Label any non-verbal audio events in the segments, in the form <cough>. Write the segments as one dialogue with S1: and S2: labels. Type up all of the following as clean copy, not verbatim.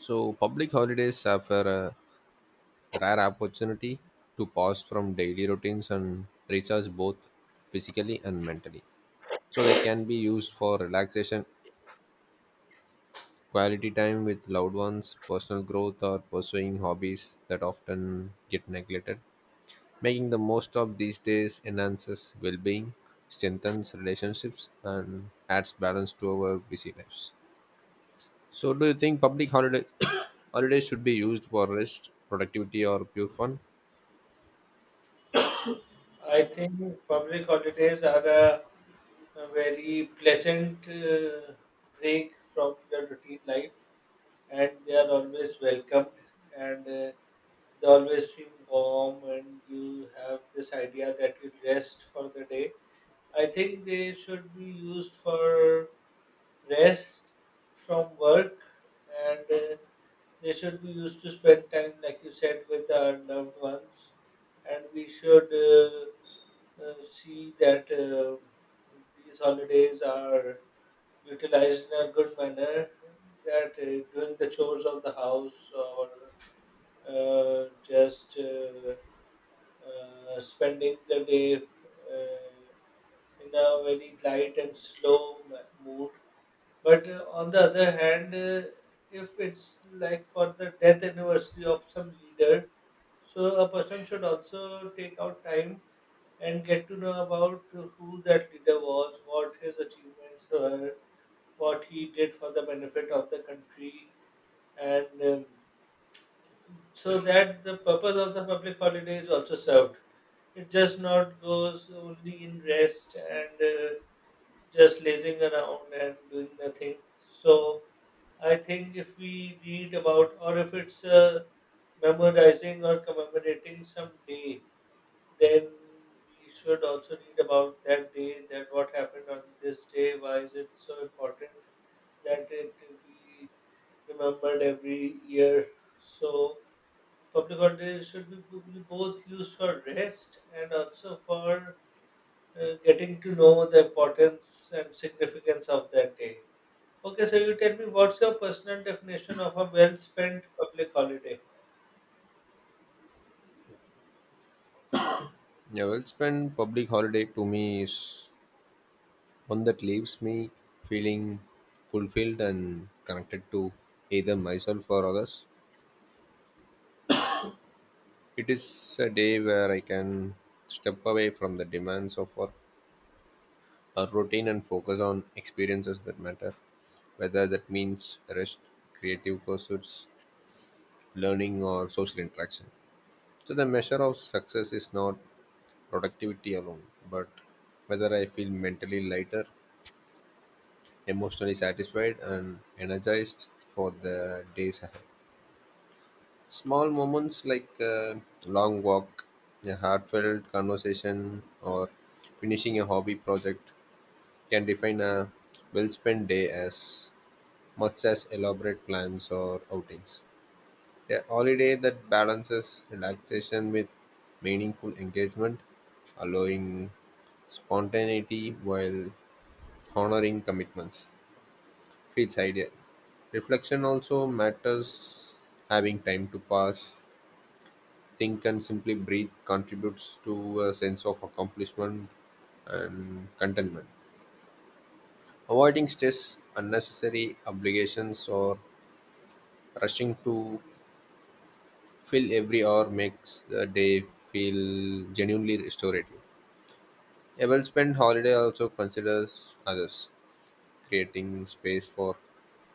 S1: So, public holidays offer a rare opportunity to pause from daily routines and recharge both physically and mentally. So, they can be used for relaxation, quality time with loved ones, personal growth, or pursuing hobbies that often get neglected. Making the most of these days enhances well being, strengthens relationships, and adds balance to our busy lives. So, do you think public holiday <coughs> holidays should be used for rest, productivity, or pure fun?
S2: I think public holidays are a very pleasant break from your routine life, and they are always welcomed, and they always feel warm, and you have this idea that you rest for the day. I think they should be used for rest from work, and they should be used to spend time, like you said, with our loved ones, and we should see that these holidays are utilized in a good manner, that doing the chores of the house or just spending the day in a very light and slow mood. But on the other hand, if it's like for the death anniversary of some leader, so a person should also take out time and get to know about who that leader was, what his achievements were, what he did for the benefit of the country, and so that the purpose of the public holiday is also served. It just not goes only in rest and just lazing around and doing nothing. So I think if we read about, or if it's memorizing or commemorating some day, then we should also read about that day, that what happened on this day, why is it so important that it be remembered every year. So public holidays should be be both used for rest and also for getting to know the importance and significance of that day. Okay, so you tell me, what's your personal definition of a well spent public holiday?
S1: Yeah, well spent public holiday to me is one that leaves me feeling fulfilled and connected to either myself or others. It is a day where I can step away from the demands of work or routine and focus on experiences that matter, whether that means rest, creative pursuits, learning, or social interaction. So, the measure of success is not productivity alone, but whether I feel mentally lighter, emotionally satisfied, and energized for the days ahead. Small moments like a long walk, a heartfelt conversation, or finishing a hobby project can define a well spent day as much as elaborate plans or outings. A holiday that balances relaxation with meaningful engagement, allowing spontaneity while honoring commitments. It's ideal. Reflection also matters. Having time to pass, think, and simply breathe contributes to a sense of accomplishment and contentment. Avoiding stress, unnecessary obligations, or rushing to fill every hour makes the day feel genuinely restorative. A well spent holiday also considers others, creating space for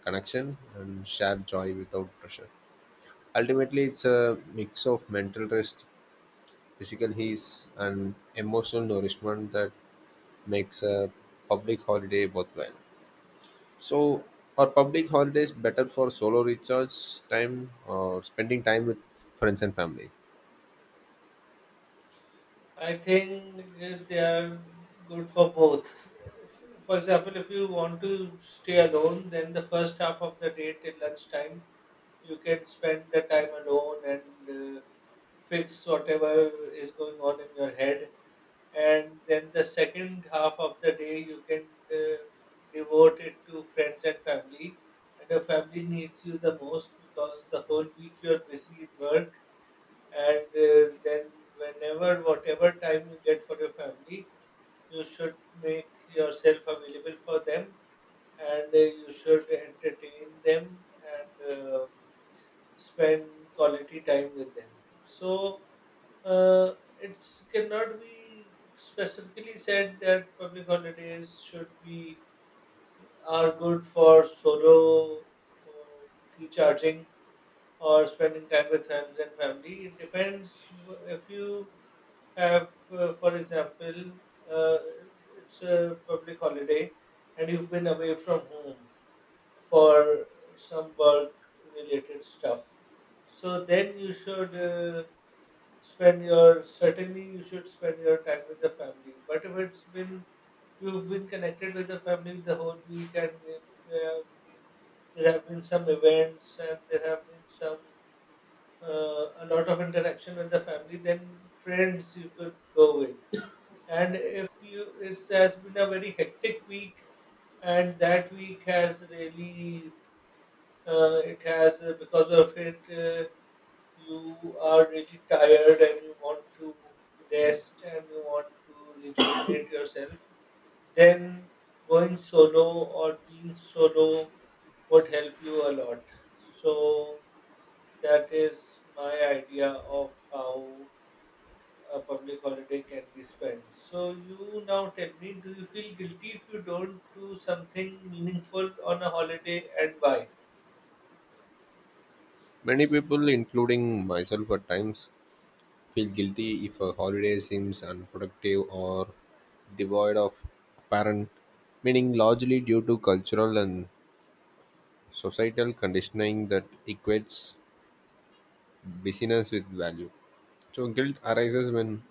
S1: connection and shared joy without pressure. Ultimately, it's a mix of mental rest, physical ease, and emotional nourishment that makes a public holiday worthwhile. So, are public holidays better for solo recharge time or spending time with friends and family?
S2: I think they are good for both. For example, if you want to stay alone, then the first half of the day till lunchtime, you can spend the time alone and fix whatever is going on in your head. And then the second half of the day, you can devote it to friends and family. And your family needs you the most, because the whole week you're busy in work and then whenever, whatever time you get for your family, you should make yourself available for them and you should entertain them and spend quality time with them. So uh, it cannot be specifically said that public holidays should be, are good for solo uh, recharging or spending time with friends and family. It depends. If you have, for example, uh, it's a public holiday and you've been away from home for some work related stuff. So then you should spend your, certainly you should spend your time with the family. But if it's been, you've been connected with the family the whole week, and it, been, there have been some events and there have been some, a lot of interaction with the family, then friends you could go with. And if you, it has been a very hectic week, and that week has really it has because of it, you are really tired and you want to rest and you want to rejuvenate yourself, then going solo or being solo would help you a lot. So that is my idea of how a public holiday can be spent. So you now tell me, do you feel guilty if you don't do something meaningful on a holiday, and why?
S1: Many people, including myself at times, feel guilty if a holiday seems unproductive or devoid of apparent meaning, largely due to cultural and societal conditioning that equates busyness with value. So guilt arises when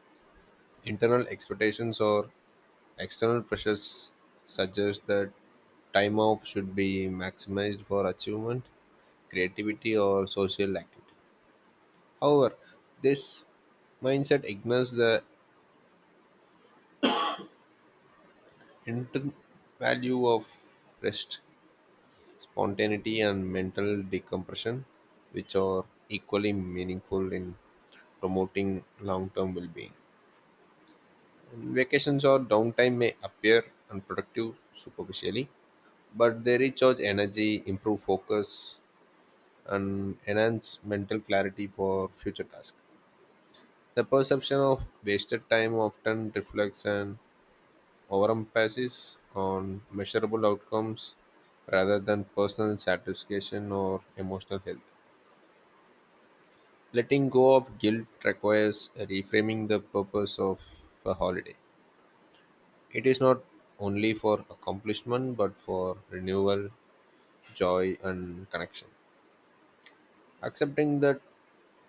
S1: internal expectations or external pressures suggest that time off should be maximized for achievement, creativity, or social activity. However, this mindset ignores the intrinsic value of rest, spontaneity, and mental decompression, which are equally meaningful in promoting long-term well-being. And vacations or downtime may appear unproductive superficially, but they recharge energy, improve focus, and enhance mental clarity for future tasks. The perception of wasted time often reflects an overemphasis on measurable outcomes rather than personal satisfaction or emotional health. Letting go of guilt requires reframing the purpose of a holiday. It is not only for accomplishment but for renewal, joy, and connection. Accepting that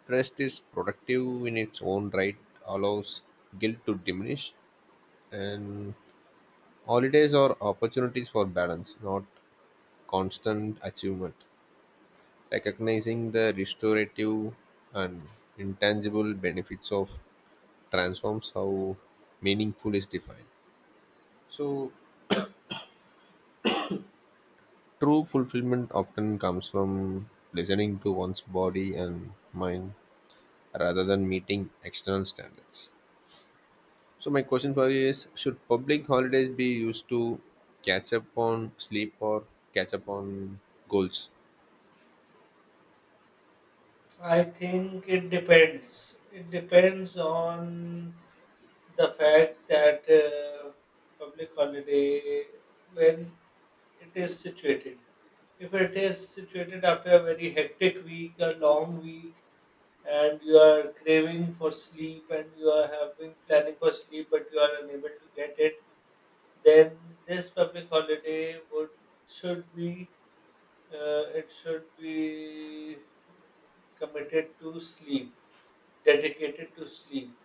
S1: rest is productive in its own right allows guilt to diminish, and holidays are opportunities for balance, not constant achievement. Recognizing the restorative and intangible benefits of transforms how meaningful is defined. So, true fulfillment often comes from listening to one's body and mind rather than meeting external standards. So, my question for you is, should public holidays be used to catch up on sleep or catch up on goals?
S2: I think it depends. It depends on the fact that public holiday, when it is situated. If it is situated after a very hectic week, a long week, and you are craving for sleep and you are having planning for sleep but you are unable to get it, then this public holiday would, should be, it should be committed to sleep, dedicated to sleep.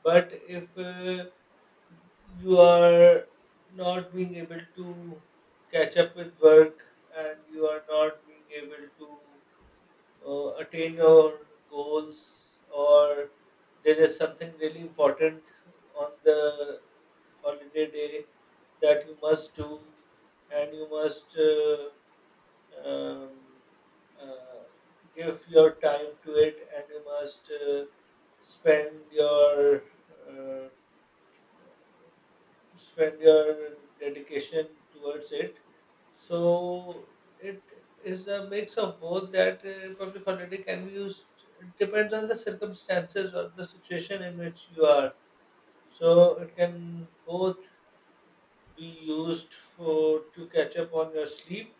S2: But if you are not being able to catch up with work, and you are not being able to attain your goals, or there is something really important on the holiday day that you must do, and you must um, uh, give your time to it, and you must spend your, uh, spend your dedication towards it. So it is a mix of both, that public holiday can be used. It depends on the circumstances or the situation in which you are. So it can both be used for, to catch up on your sleep,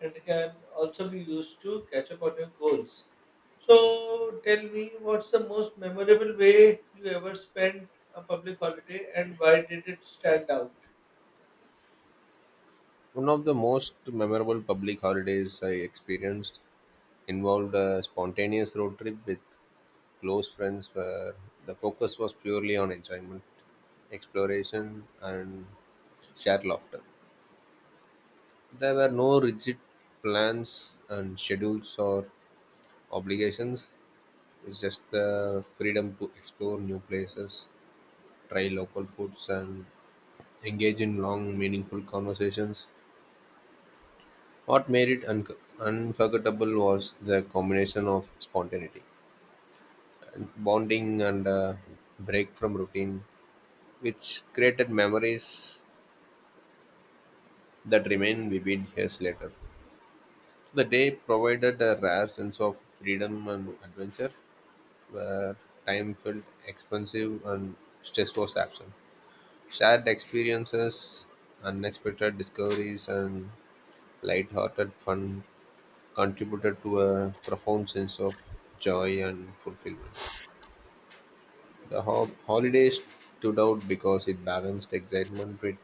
S2: and can also be used to catch up on your goals. So tell me, what's the most memorable way you ever spent a public holiday, and why did it stand out?
S1: One of the most memorable public holidays I experienced involved a spontaneous road trip with close friends where the focus was purely on enjoyment, exploration, and shared laughter. There were no rigid plans and schedules or obligations. It's just the freedom to explore new places, try local foods, and engage in long, meaningful conversations. What made it unforgettable was the combination of spontaneity and bonding and a break from routine, which created memories that remain vivid years later. The day provided a rare sense of freedom and adventure where time felt expensive and stress was absent. Shared experiences, unexpected discoveries, and light-hearted fun contributed to a profound sense of joy and fulfillment. The holidays stood out because it balanced excitement with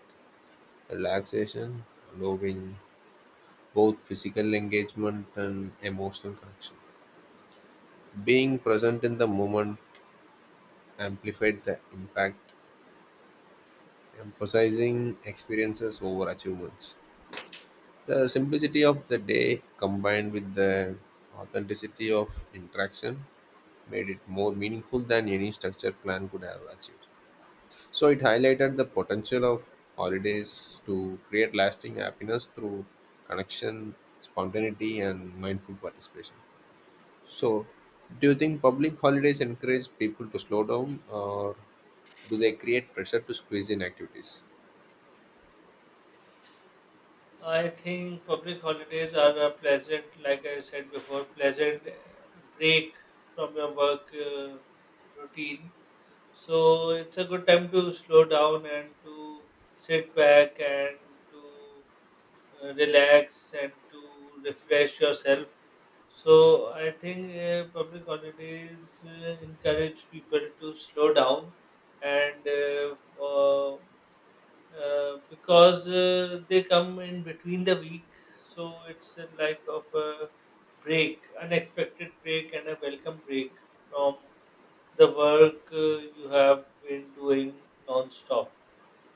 S1: relaxation, allowing both physical engagement and emotional connection. Being present in the moment amplified the impact, emphasizing experiences over achievements. The simplicity of the day combined with the authenticity of interaction made it more meaningful than any structured plan could have achieved. So it highlighted the potential of holidays to create lasting happiness through connection, spontaneity, and mindful participation. So, do you think public holidays encourage people to slow down, or do they create pressure to squeeze in activities?
S2: I think public holidays are a pleasant, like I said before, pleasant break from your work routine. So it's a good time to slow down and to sit back and to relax and to refresh yourself. So I think public holidays encourage people to slow down and uh, for- because they come in between the week, so it's a like of a break, unexpected break and a welcome break from the work you have been doing non-stop.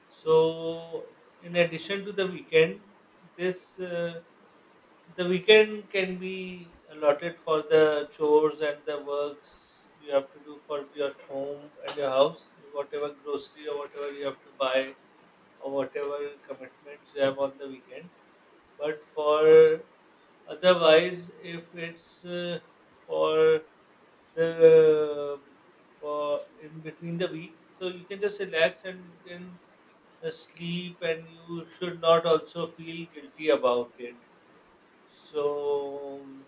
S2: So in addition to the weekend, this the weekend can be allotted for the chores and the works you have to do for your home and your house, whatever grocery or whatever you have to buy, or whatever commitments you have on the weekend. But for otherwise, if it's for the, for in between the week, so you can just relax and you can sleep, and you should not also feel guilty about it. So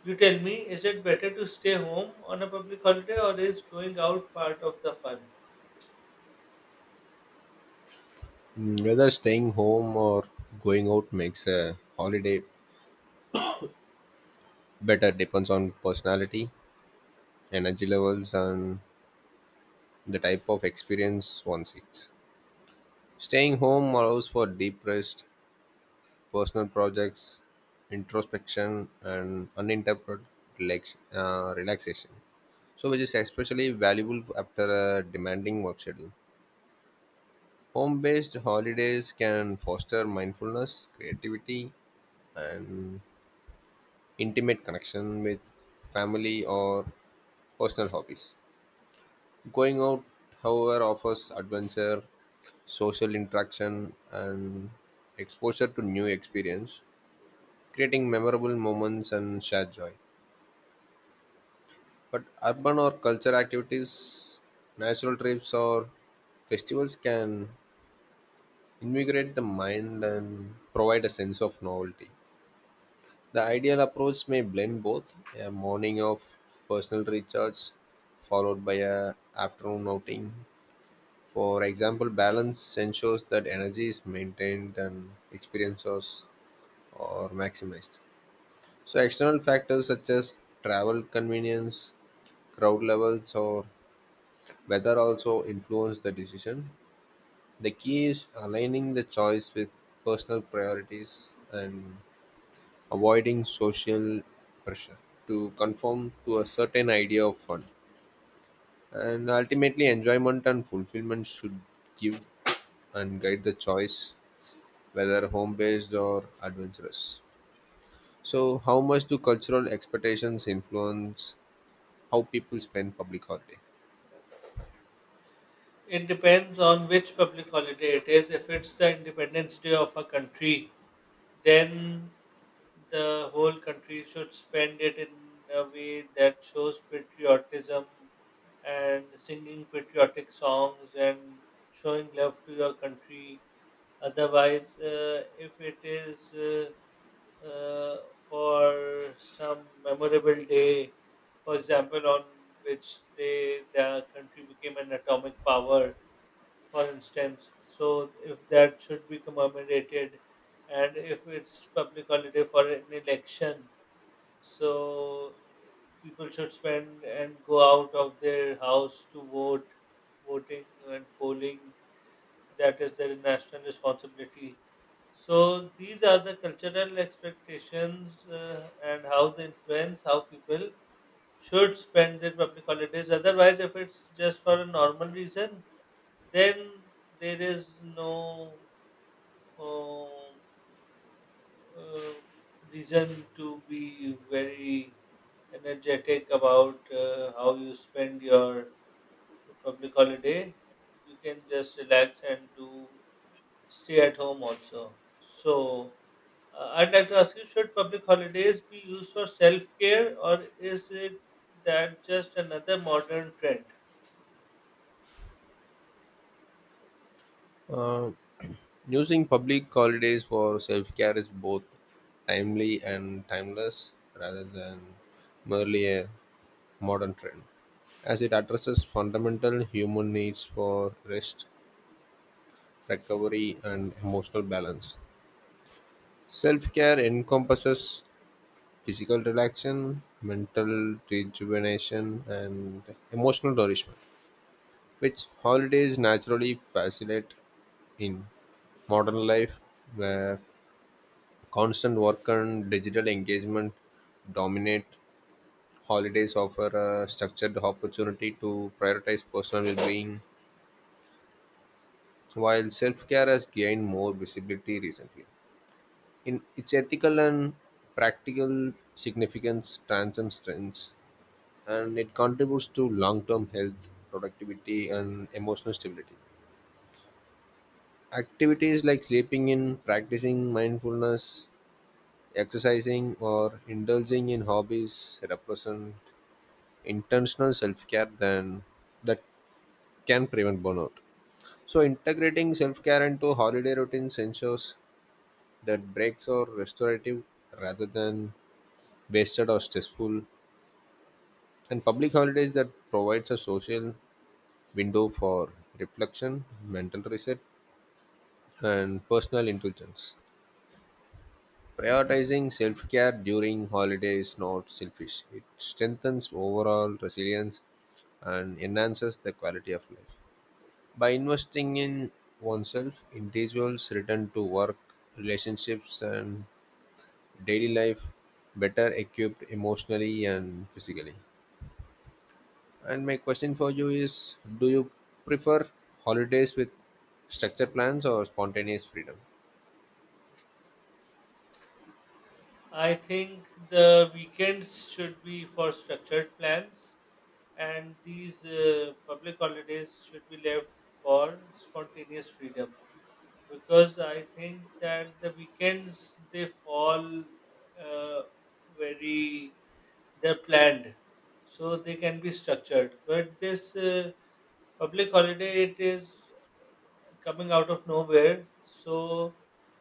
S2: you tell me, is it better to stay home on a public holiday, or is going out part of the fun?
S1: Whether staying home or going out makes a holiday better depends on personality, energy levels, and the type of experience one seeks. Staying home allows for deep rest, personal projects, introspection, and uninterrupted relaxation. So, which is especially valuable after a demanding work schedule. Home based holidays can foster mindfulness, creativity, and intimate connection with family or personal hobbies. Going out, however, offers adventure, social interaction, and exposure to new experience, creating memorable moments and shared joy. But urban or cultural activities, natural trips, or festivals can invigorate the mind and provide a sense of novelty. The ideal approach may blend both a morning of personal recharge followed by a afternoon outing. For example, balance ensures that energy is maintained and experiences are maximized. So external factors such as travel convenience, crowd levels, or weather also influence the decision. The key is aligning the choice with personal priorities and avoiding social pressure to conform to a certain idea of fun. And ultimately, enjoyment and fulfillment should give and guide the choice, whether home based or adventurous. So, how much do cultural expectations influence how people spend public holiday?
S2: It depends on which public holiday it is. If it's the Independence Day of a country, then the whole country should spend it in a way that shows patriotism, and singing patriotic songs and showing love to your country. Otherwise, if it is uh, for some memorable day, for example, on which they, their country became an atomic power, for instance. So if that should be commemorated, and if it's public holiday for an election, so people should spend and go out of their house to vote, voting and polling, that is their national responsibility. So these are the cultural expectations and how they influence how people should spend their public holidays. Otherwise, if it's just for a normal reason, then there is no um, uh, reason to be very energetic about how you spend your public holiday. You can just relax and do, stay at home also. So I'd like to ask you: should public holidays be used for self-care, or is it that just another modern trend?
S1: Uh, Using public holidays for self care is both timely and timeless rather than merely a modern trend, as it addresses fundamental human needs for rest, recovery, and emotional balance. Self care encompasses physical relaxation, mental rejuvenation, and emotional nourishment, which holidays naturally facilitate. In modern life where constant work and digital engagement dominate, holidays offer a structured opportunity to prioritize personal well-being while self care has gained more visibility recently. In its ethical and practical significance transcends trends, and it contributes to long term health, productivity, and emotional stability. Activities like sleeping in, practicing mindfulness, exercising, or indulging in hobbies represent intentional self care than that can prevent burnout. So, integrating self care into holiday routines ensures that breaks are restorative rather than wasted or stressful, and public holidays that provides a social window for reflection, mental reset, and personal indulgence. Prioritizing self care during holidays is not selfish. It strengthens overall resilience and enhances the quality of life. By investing in oneself, individuals return to work, relationships, and daily life better equipped emotionally and physically. And my question for you is, do you prefer holidays with structured plans or spontaneous freedom?
S2: I think the weekends should be for structured plans, and these public holidays should be left for spontaneous freedom. Because I think that the weekends, they fall uh, very, they're planned, so they can be structured. But this public holiday, it is coming out of nowhere, so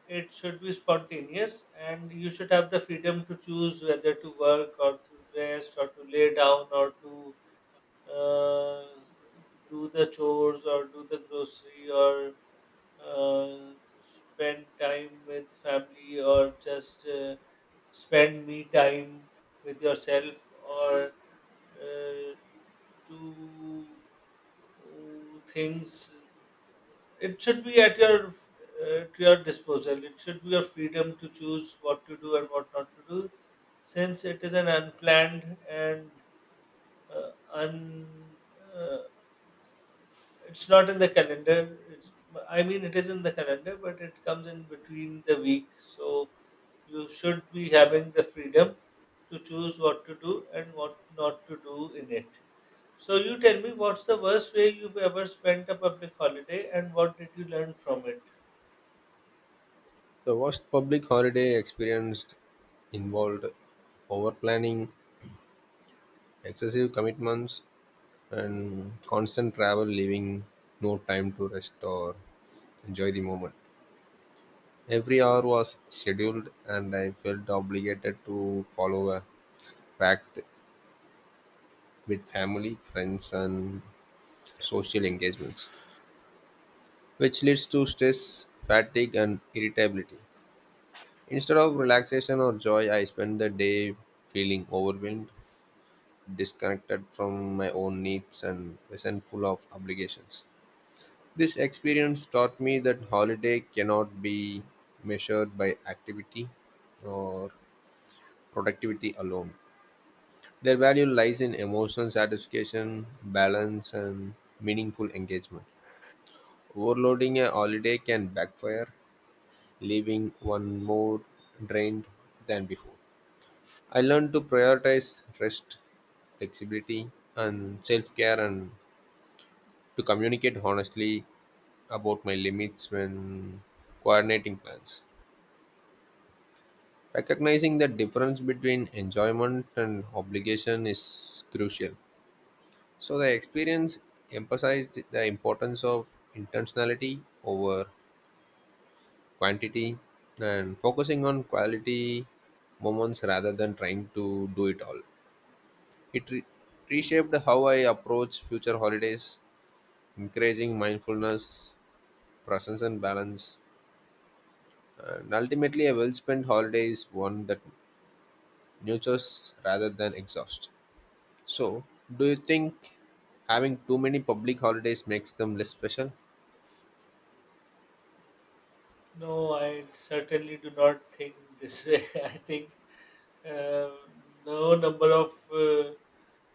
S2: it should be spontaneous, and you should have the freedom to choose whether to work or to rest or to lay down, or to uh, do the chores or do the grocery, or uh, spend time with family, or just spend me time with yourself, or uh, to things. It should be at your to your disposal. It should be your freedom to choose what to do and what not to do, since it is an unplanned and un. Uh, it's not in the calendar. It's, I mean, it is in the calendar, but it comes in between the week. So you should be having the freedom to choose what to do and what not to do in it. So you tell me, what's the worst way you've ever spent a public holiday, and what did you learn from it?
S1: The worst public holiday experienced involved over planning, excessive commitments, and constant travel, leaving no time to rest or enjoy the moment. Every hour was scheduled, and I felt obligated to follow a packed with family, friends, and social engagements, which leads to stress, fatigue, and irritability. Instead of relaxation or joy, I spend the day feeling overwhelmed, disconnected from my own needs, and resentful of obligations. This experience taught me that holiday cannot be measured by activity or productivity alone. Their value lies in emotional satisfaction, balance, and meaningful engagement. Overloading a holiday can backfire, leaving one more drained than before. I learned to prioritize rest, flexibility, and self care, and to communicate honestly about my limits when coordinating plans. Recognizing the difference between enjoyment and obligation is crucial. So, the experience emphasized the importance of intentionality over quantity and focusing on quality moments rather than trying to do it all. It reshaped how I approach future holidays, encouraging mindfulness, presence, and balance. And ultimately, a well spent holiday is one that nurtures rather than exhausts. So, do you think having too many public holidays makes them less special?
S2: No, I certainly do not think this way. <laughs> I think uh, no number of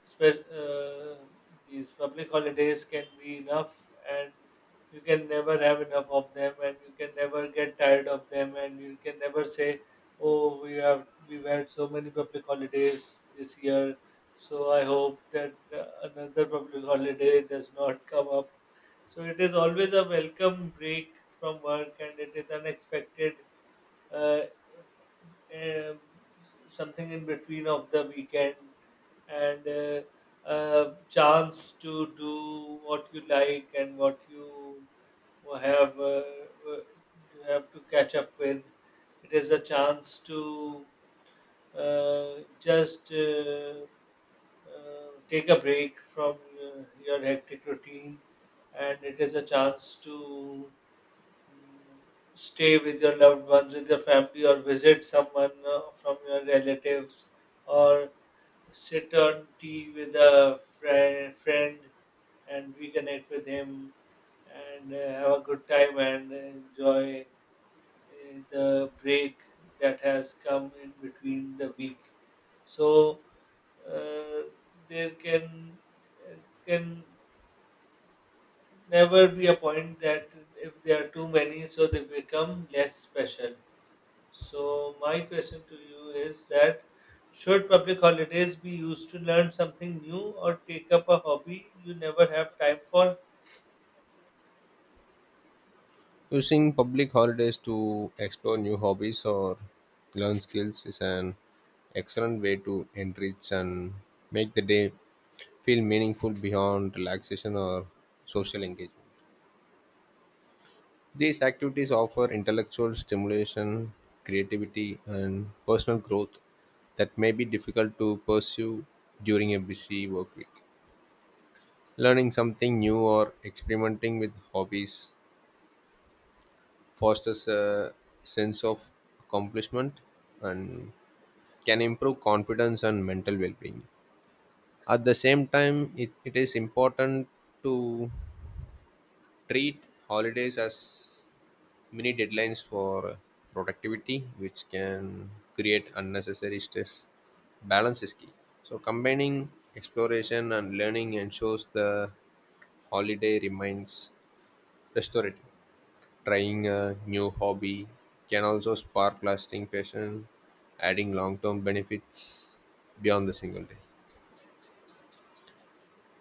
S2: spe- uh, these public holidays can be enough, and you can never have enough of them, and you can never get tired of them, and you can never say, "Oh, we've had so many public holidays this year." So I hope that another public holiday does not come up. So it is always a welcome break from work, and it is unexpected, uh, um, something in between of the weekend, and chance to do what you like and what have uh, you have to catch up with. It is a chance to just take a break from your hectic routine, and it is a chance to, mm, stay with your loved ones, with your family, or visit someone from your relatives, or sit on tea with a friend and reconnect with him, and have a good time and enjoy the break that has come in between the week. So uh, there can it can never be a point that if there are too many, so they become less special. So my question to you is that, should public holidays be used to learn something new or take up a hobby you never have time for?
S1: Using public holidays to explore new hobbies or learn skills is an excellent way to enrich and make the day feel meaningful beyond relaxation or social engagement. These activities offer intellectual stimulation, creativity, and personal growth that may be difficult to pursue during a busy work week. Learning something new or experimenting with hobbies fosters a sense of accomplishment and can improve confidence and mental well-being. At the same time, it is important to treat holidays as mini deadlines for productivity, which can create unnecessary stress. Balance is key, so combining exploration and learning ensures the holiday remains restorative. Trying a new hobby can also spark lasting passion, adding long term benefits beyond the single day.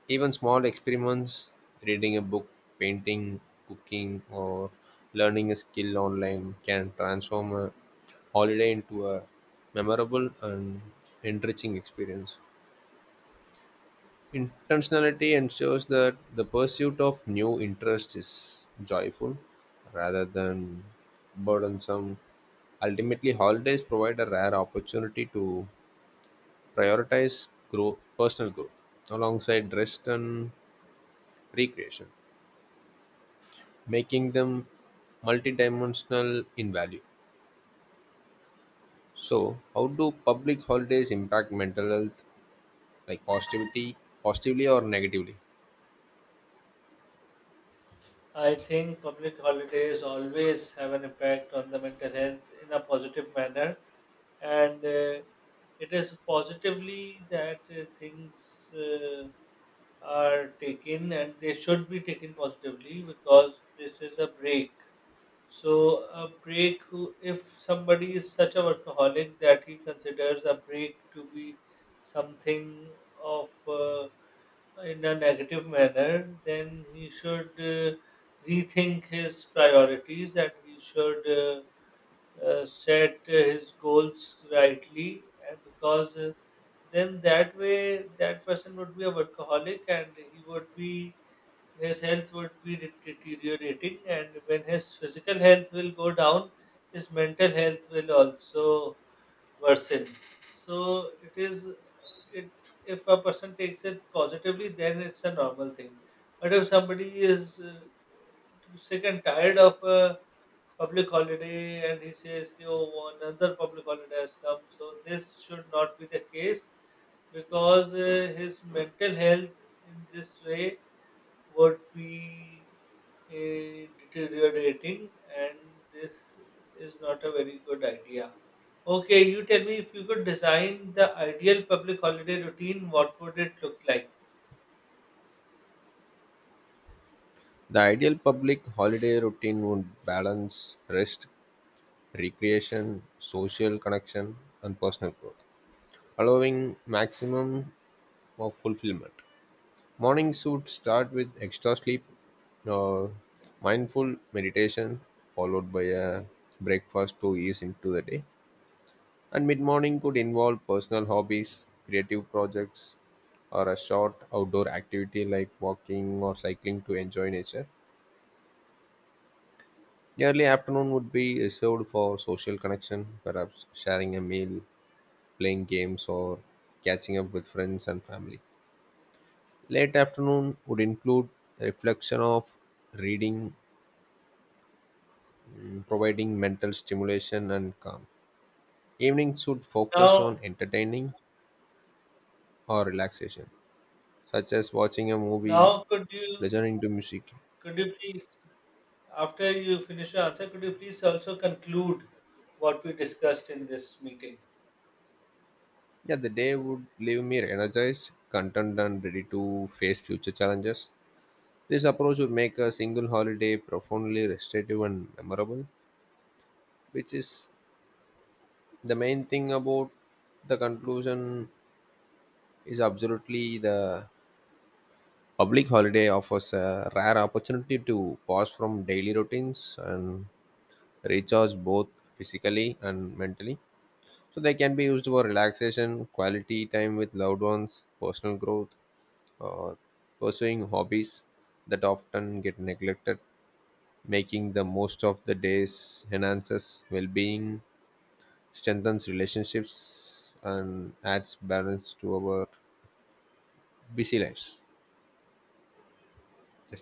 S1: Even small experiments, reading a book, painting, cooking, or learning a skill online can transform a holiday into a memorable and enriching experience. Intentionality ensures that the pursuit of new interest is joyful rather than burdensome. Ultimately, holidays provide a rare opportunity to prioritize personal growth alongside rest and recreation, making them multidimensional in value. So, how do public holidays impact mental health, like positivity, positively or negatively?
S2: I think public holidays always have an impact on the mental health in a positive manner, and it is positively that things are taken, and they should be taken positively, because this is a break. So a break, if somebody is such a workaholic that he considers a break to be something of in a negative manner, then he should rethink his priorities, and he should set his goals rightly, and because then that way that person would be a workaholic, and he would be, his health would be deteriorating, and when his physical health will go down, his mental health will also worsen. So it is, it, if a person takes it positively, then it's a normal thing. But if somebody is sick and tired of a public holiday, and he says, "Ki, oh, another public holiday has come," so this should not be the case, because his mental health in this way would be, eh, deteriorating, and this is not a very good idea. Okay, you tell me, if you could design the ideal public holiday routine, what would it look like?
S1: The ideal public holiday routine would balance rest, recreation, social connection, and personal growth, allowing maximum of fulfillment. Morning should start with extra sleep, uh, mindful meditation, followed by a breakfast to ease into the day. And mid morning could involve personal hobbies, creative projects, or a short outdoor activity like walking or cycling to enjoy nature. The early afternoon would be reserved for social connection, perhaps sharing a meal, playing games, or catching up with friends and family. Late afternoon would include reflection of reading, providing mental stimulation and calm. Evening should focus on
S2: Now,
S1: entertaining or relaxation, such as watching a movie,
S2: now could you,
S1: listening to music.
S2: could you please, after you finish your answer, could you please also conclude what we discussed in this meeting?
S1: Yeah, the day would leave me energized, content, and ready to face future challenges. This approach would make a single holiday profoundly restorative and memorable, which is the main thing about the conclusion. Is absolutely the public holiday offers a rare opportunity to pause from daily routines and recharge both physically and mentally, so they can be used for relaxation, quality time with loved ones, personal growth, or pursuing hobbies that often get neglected. Making the most of the days enhances well-being, strengthens relationships, and adds balance to our busy lives.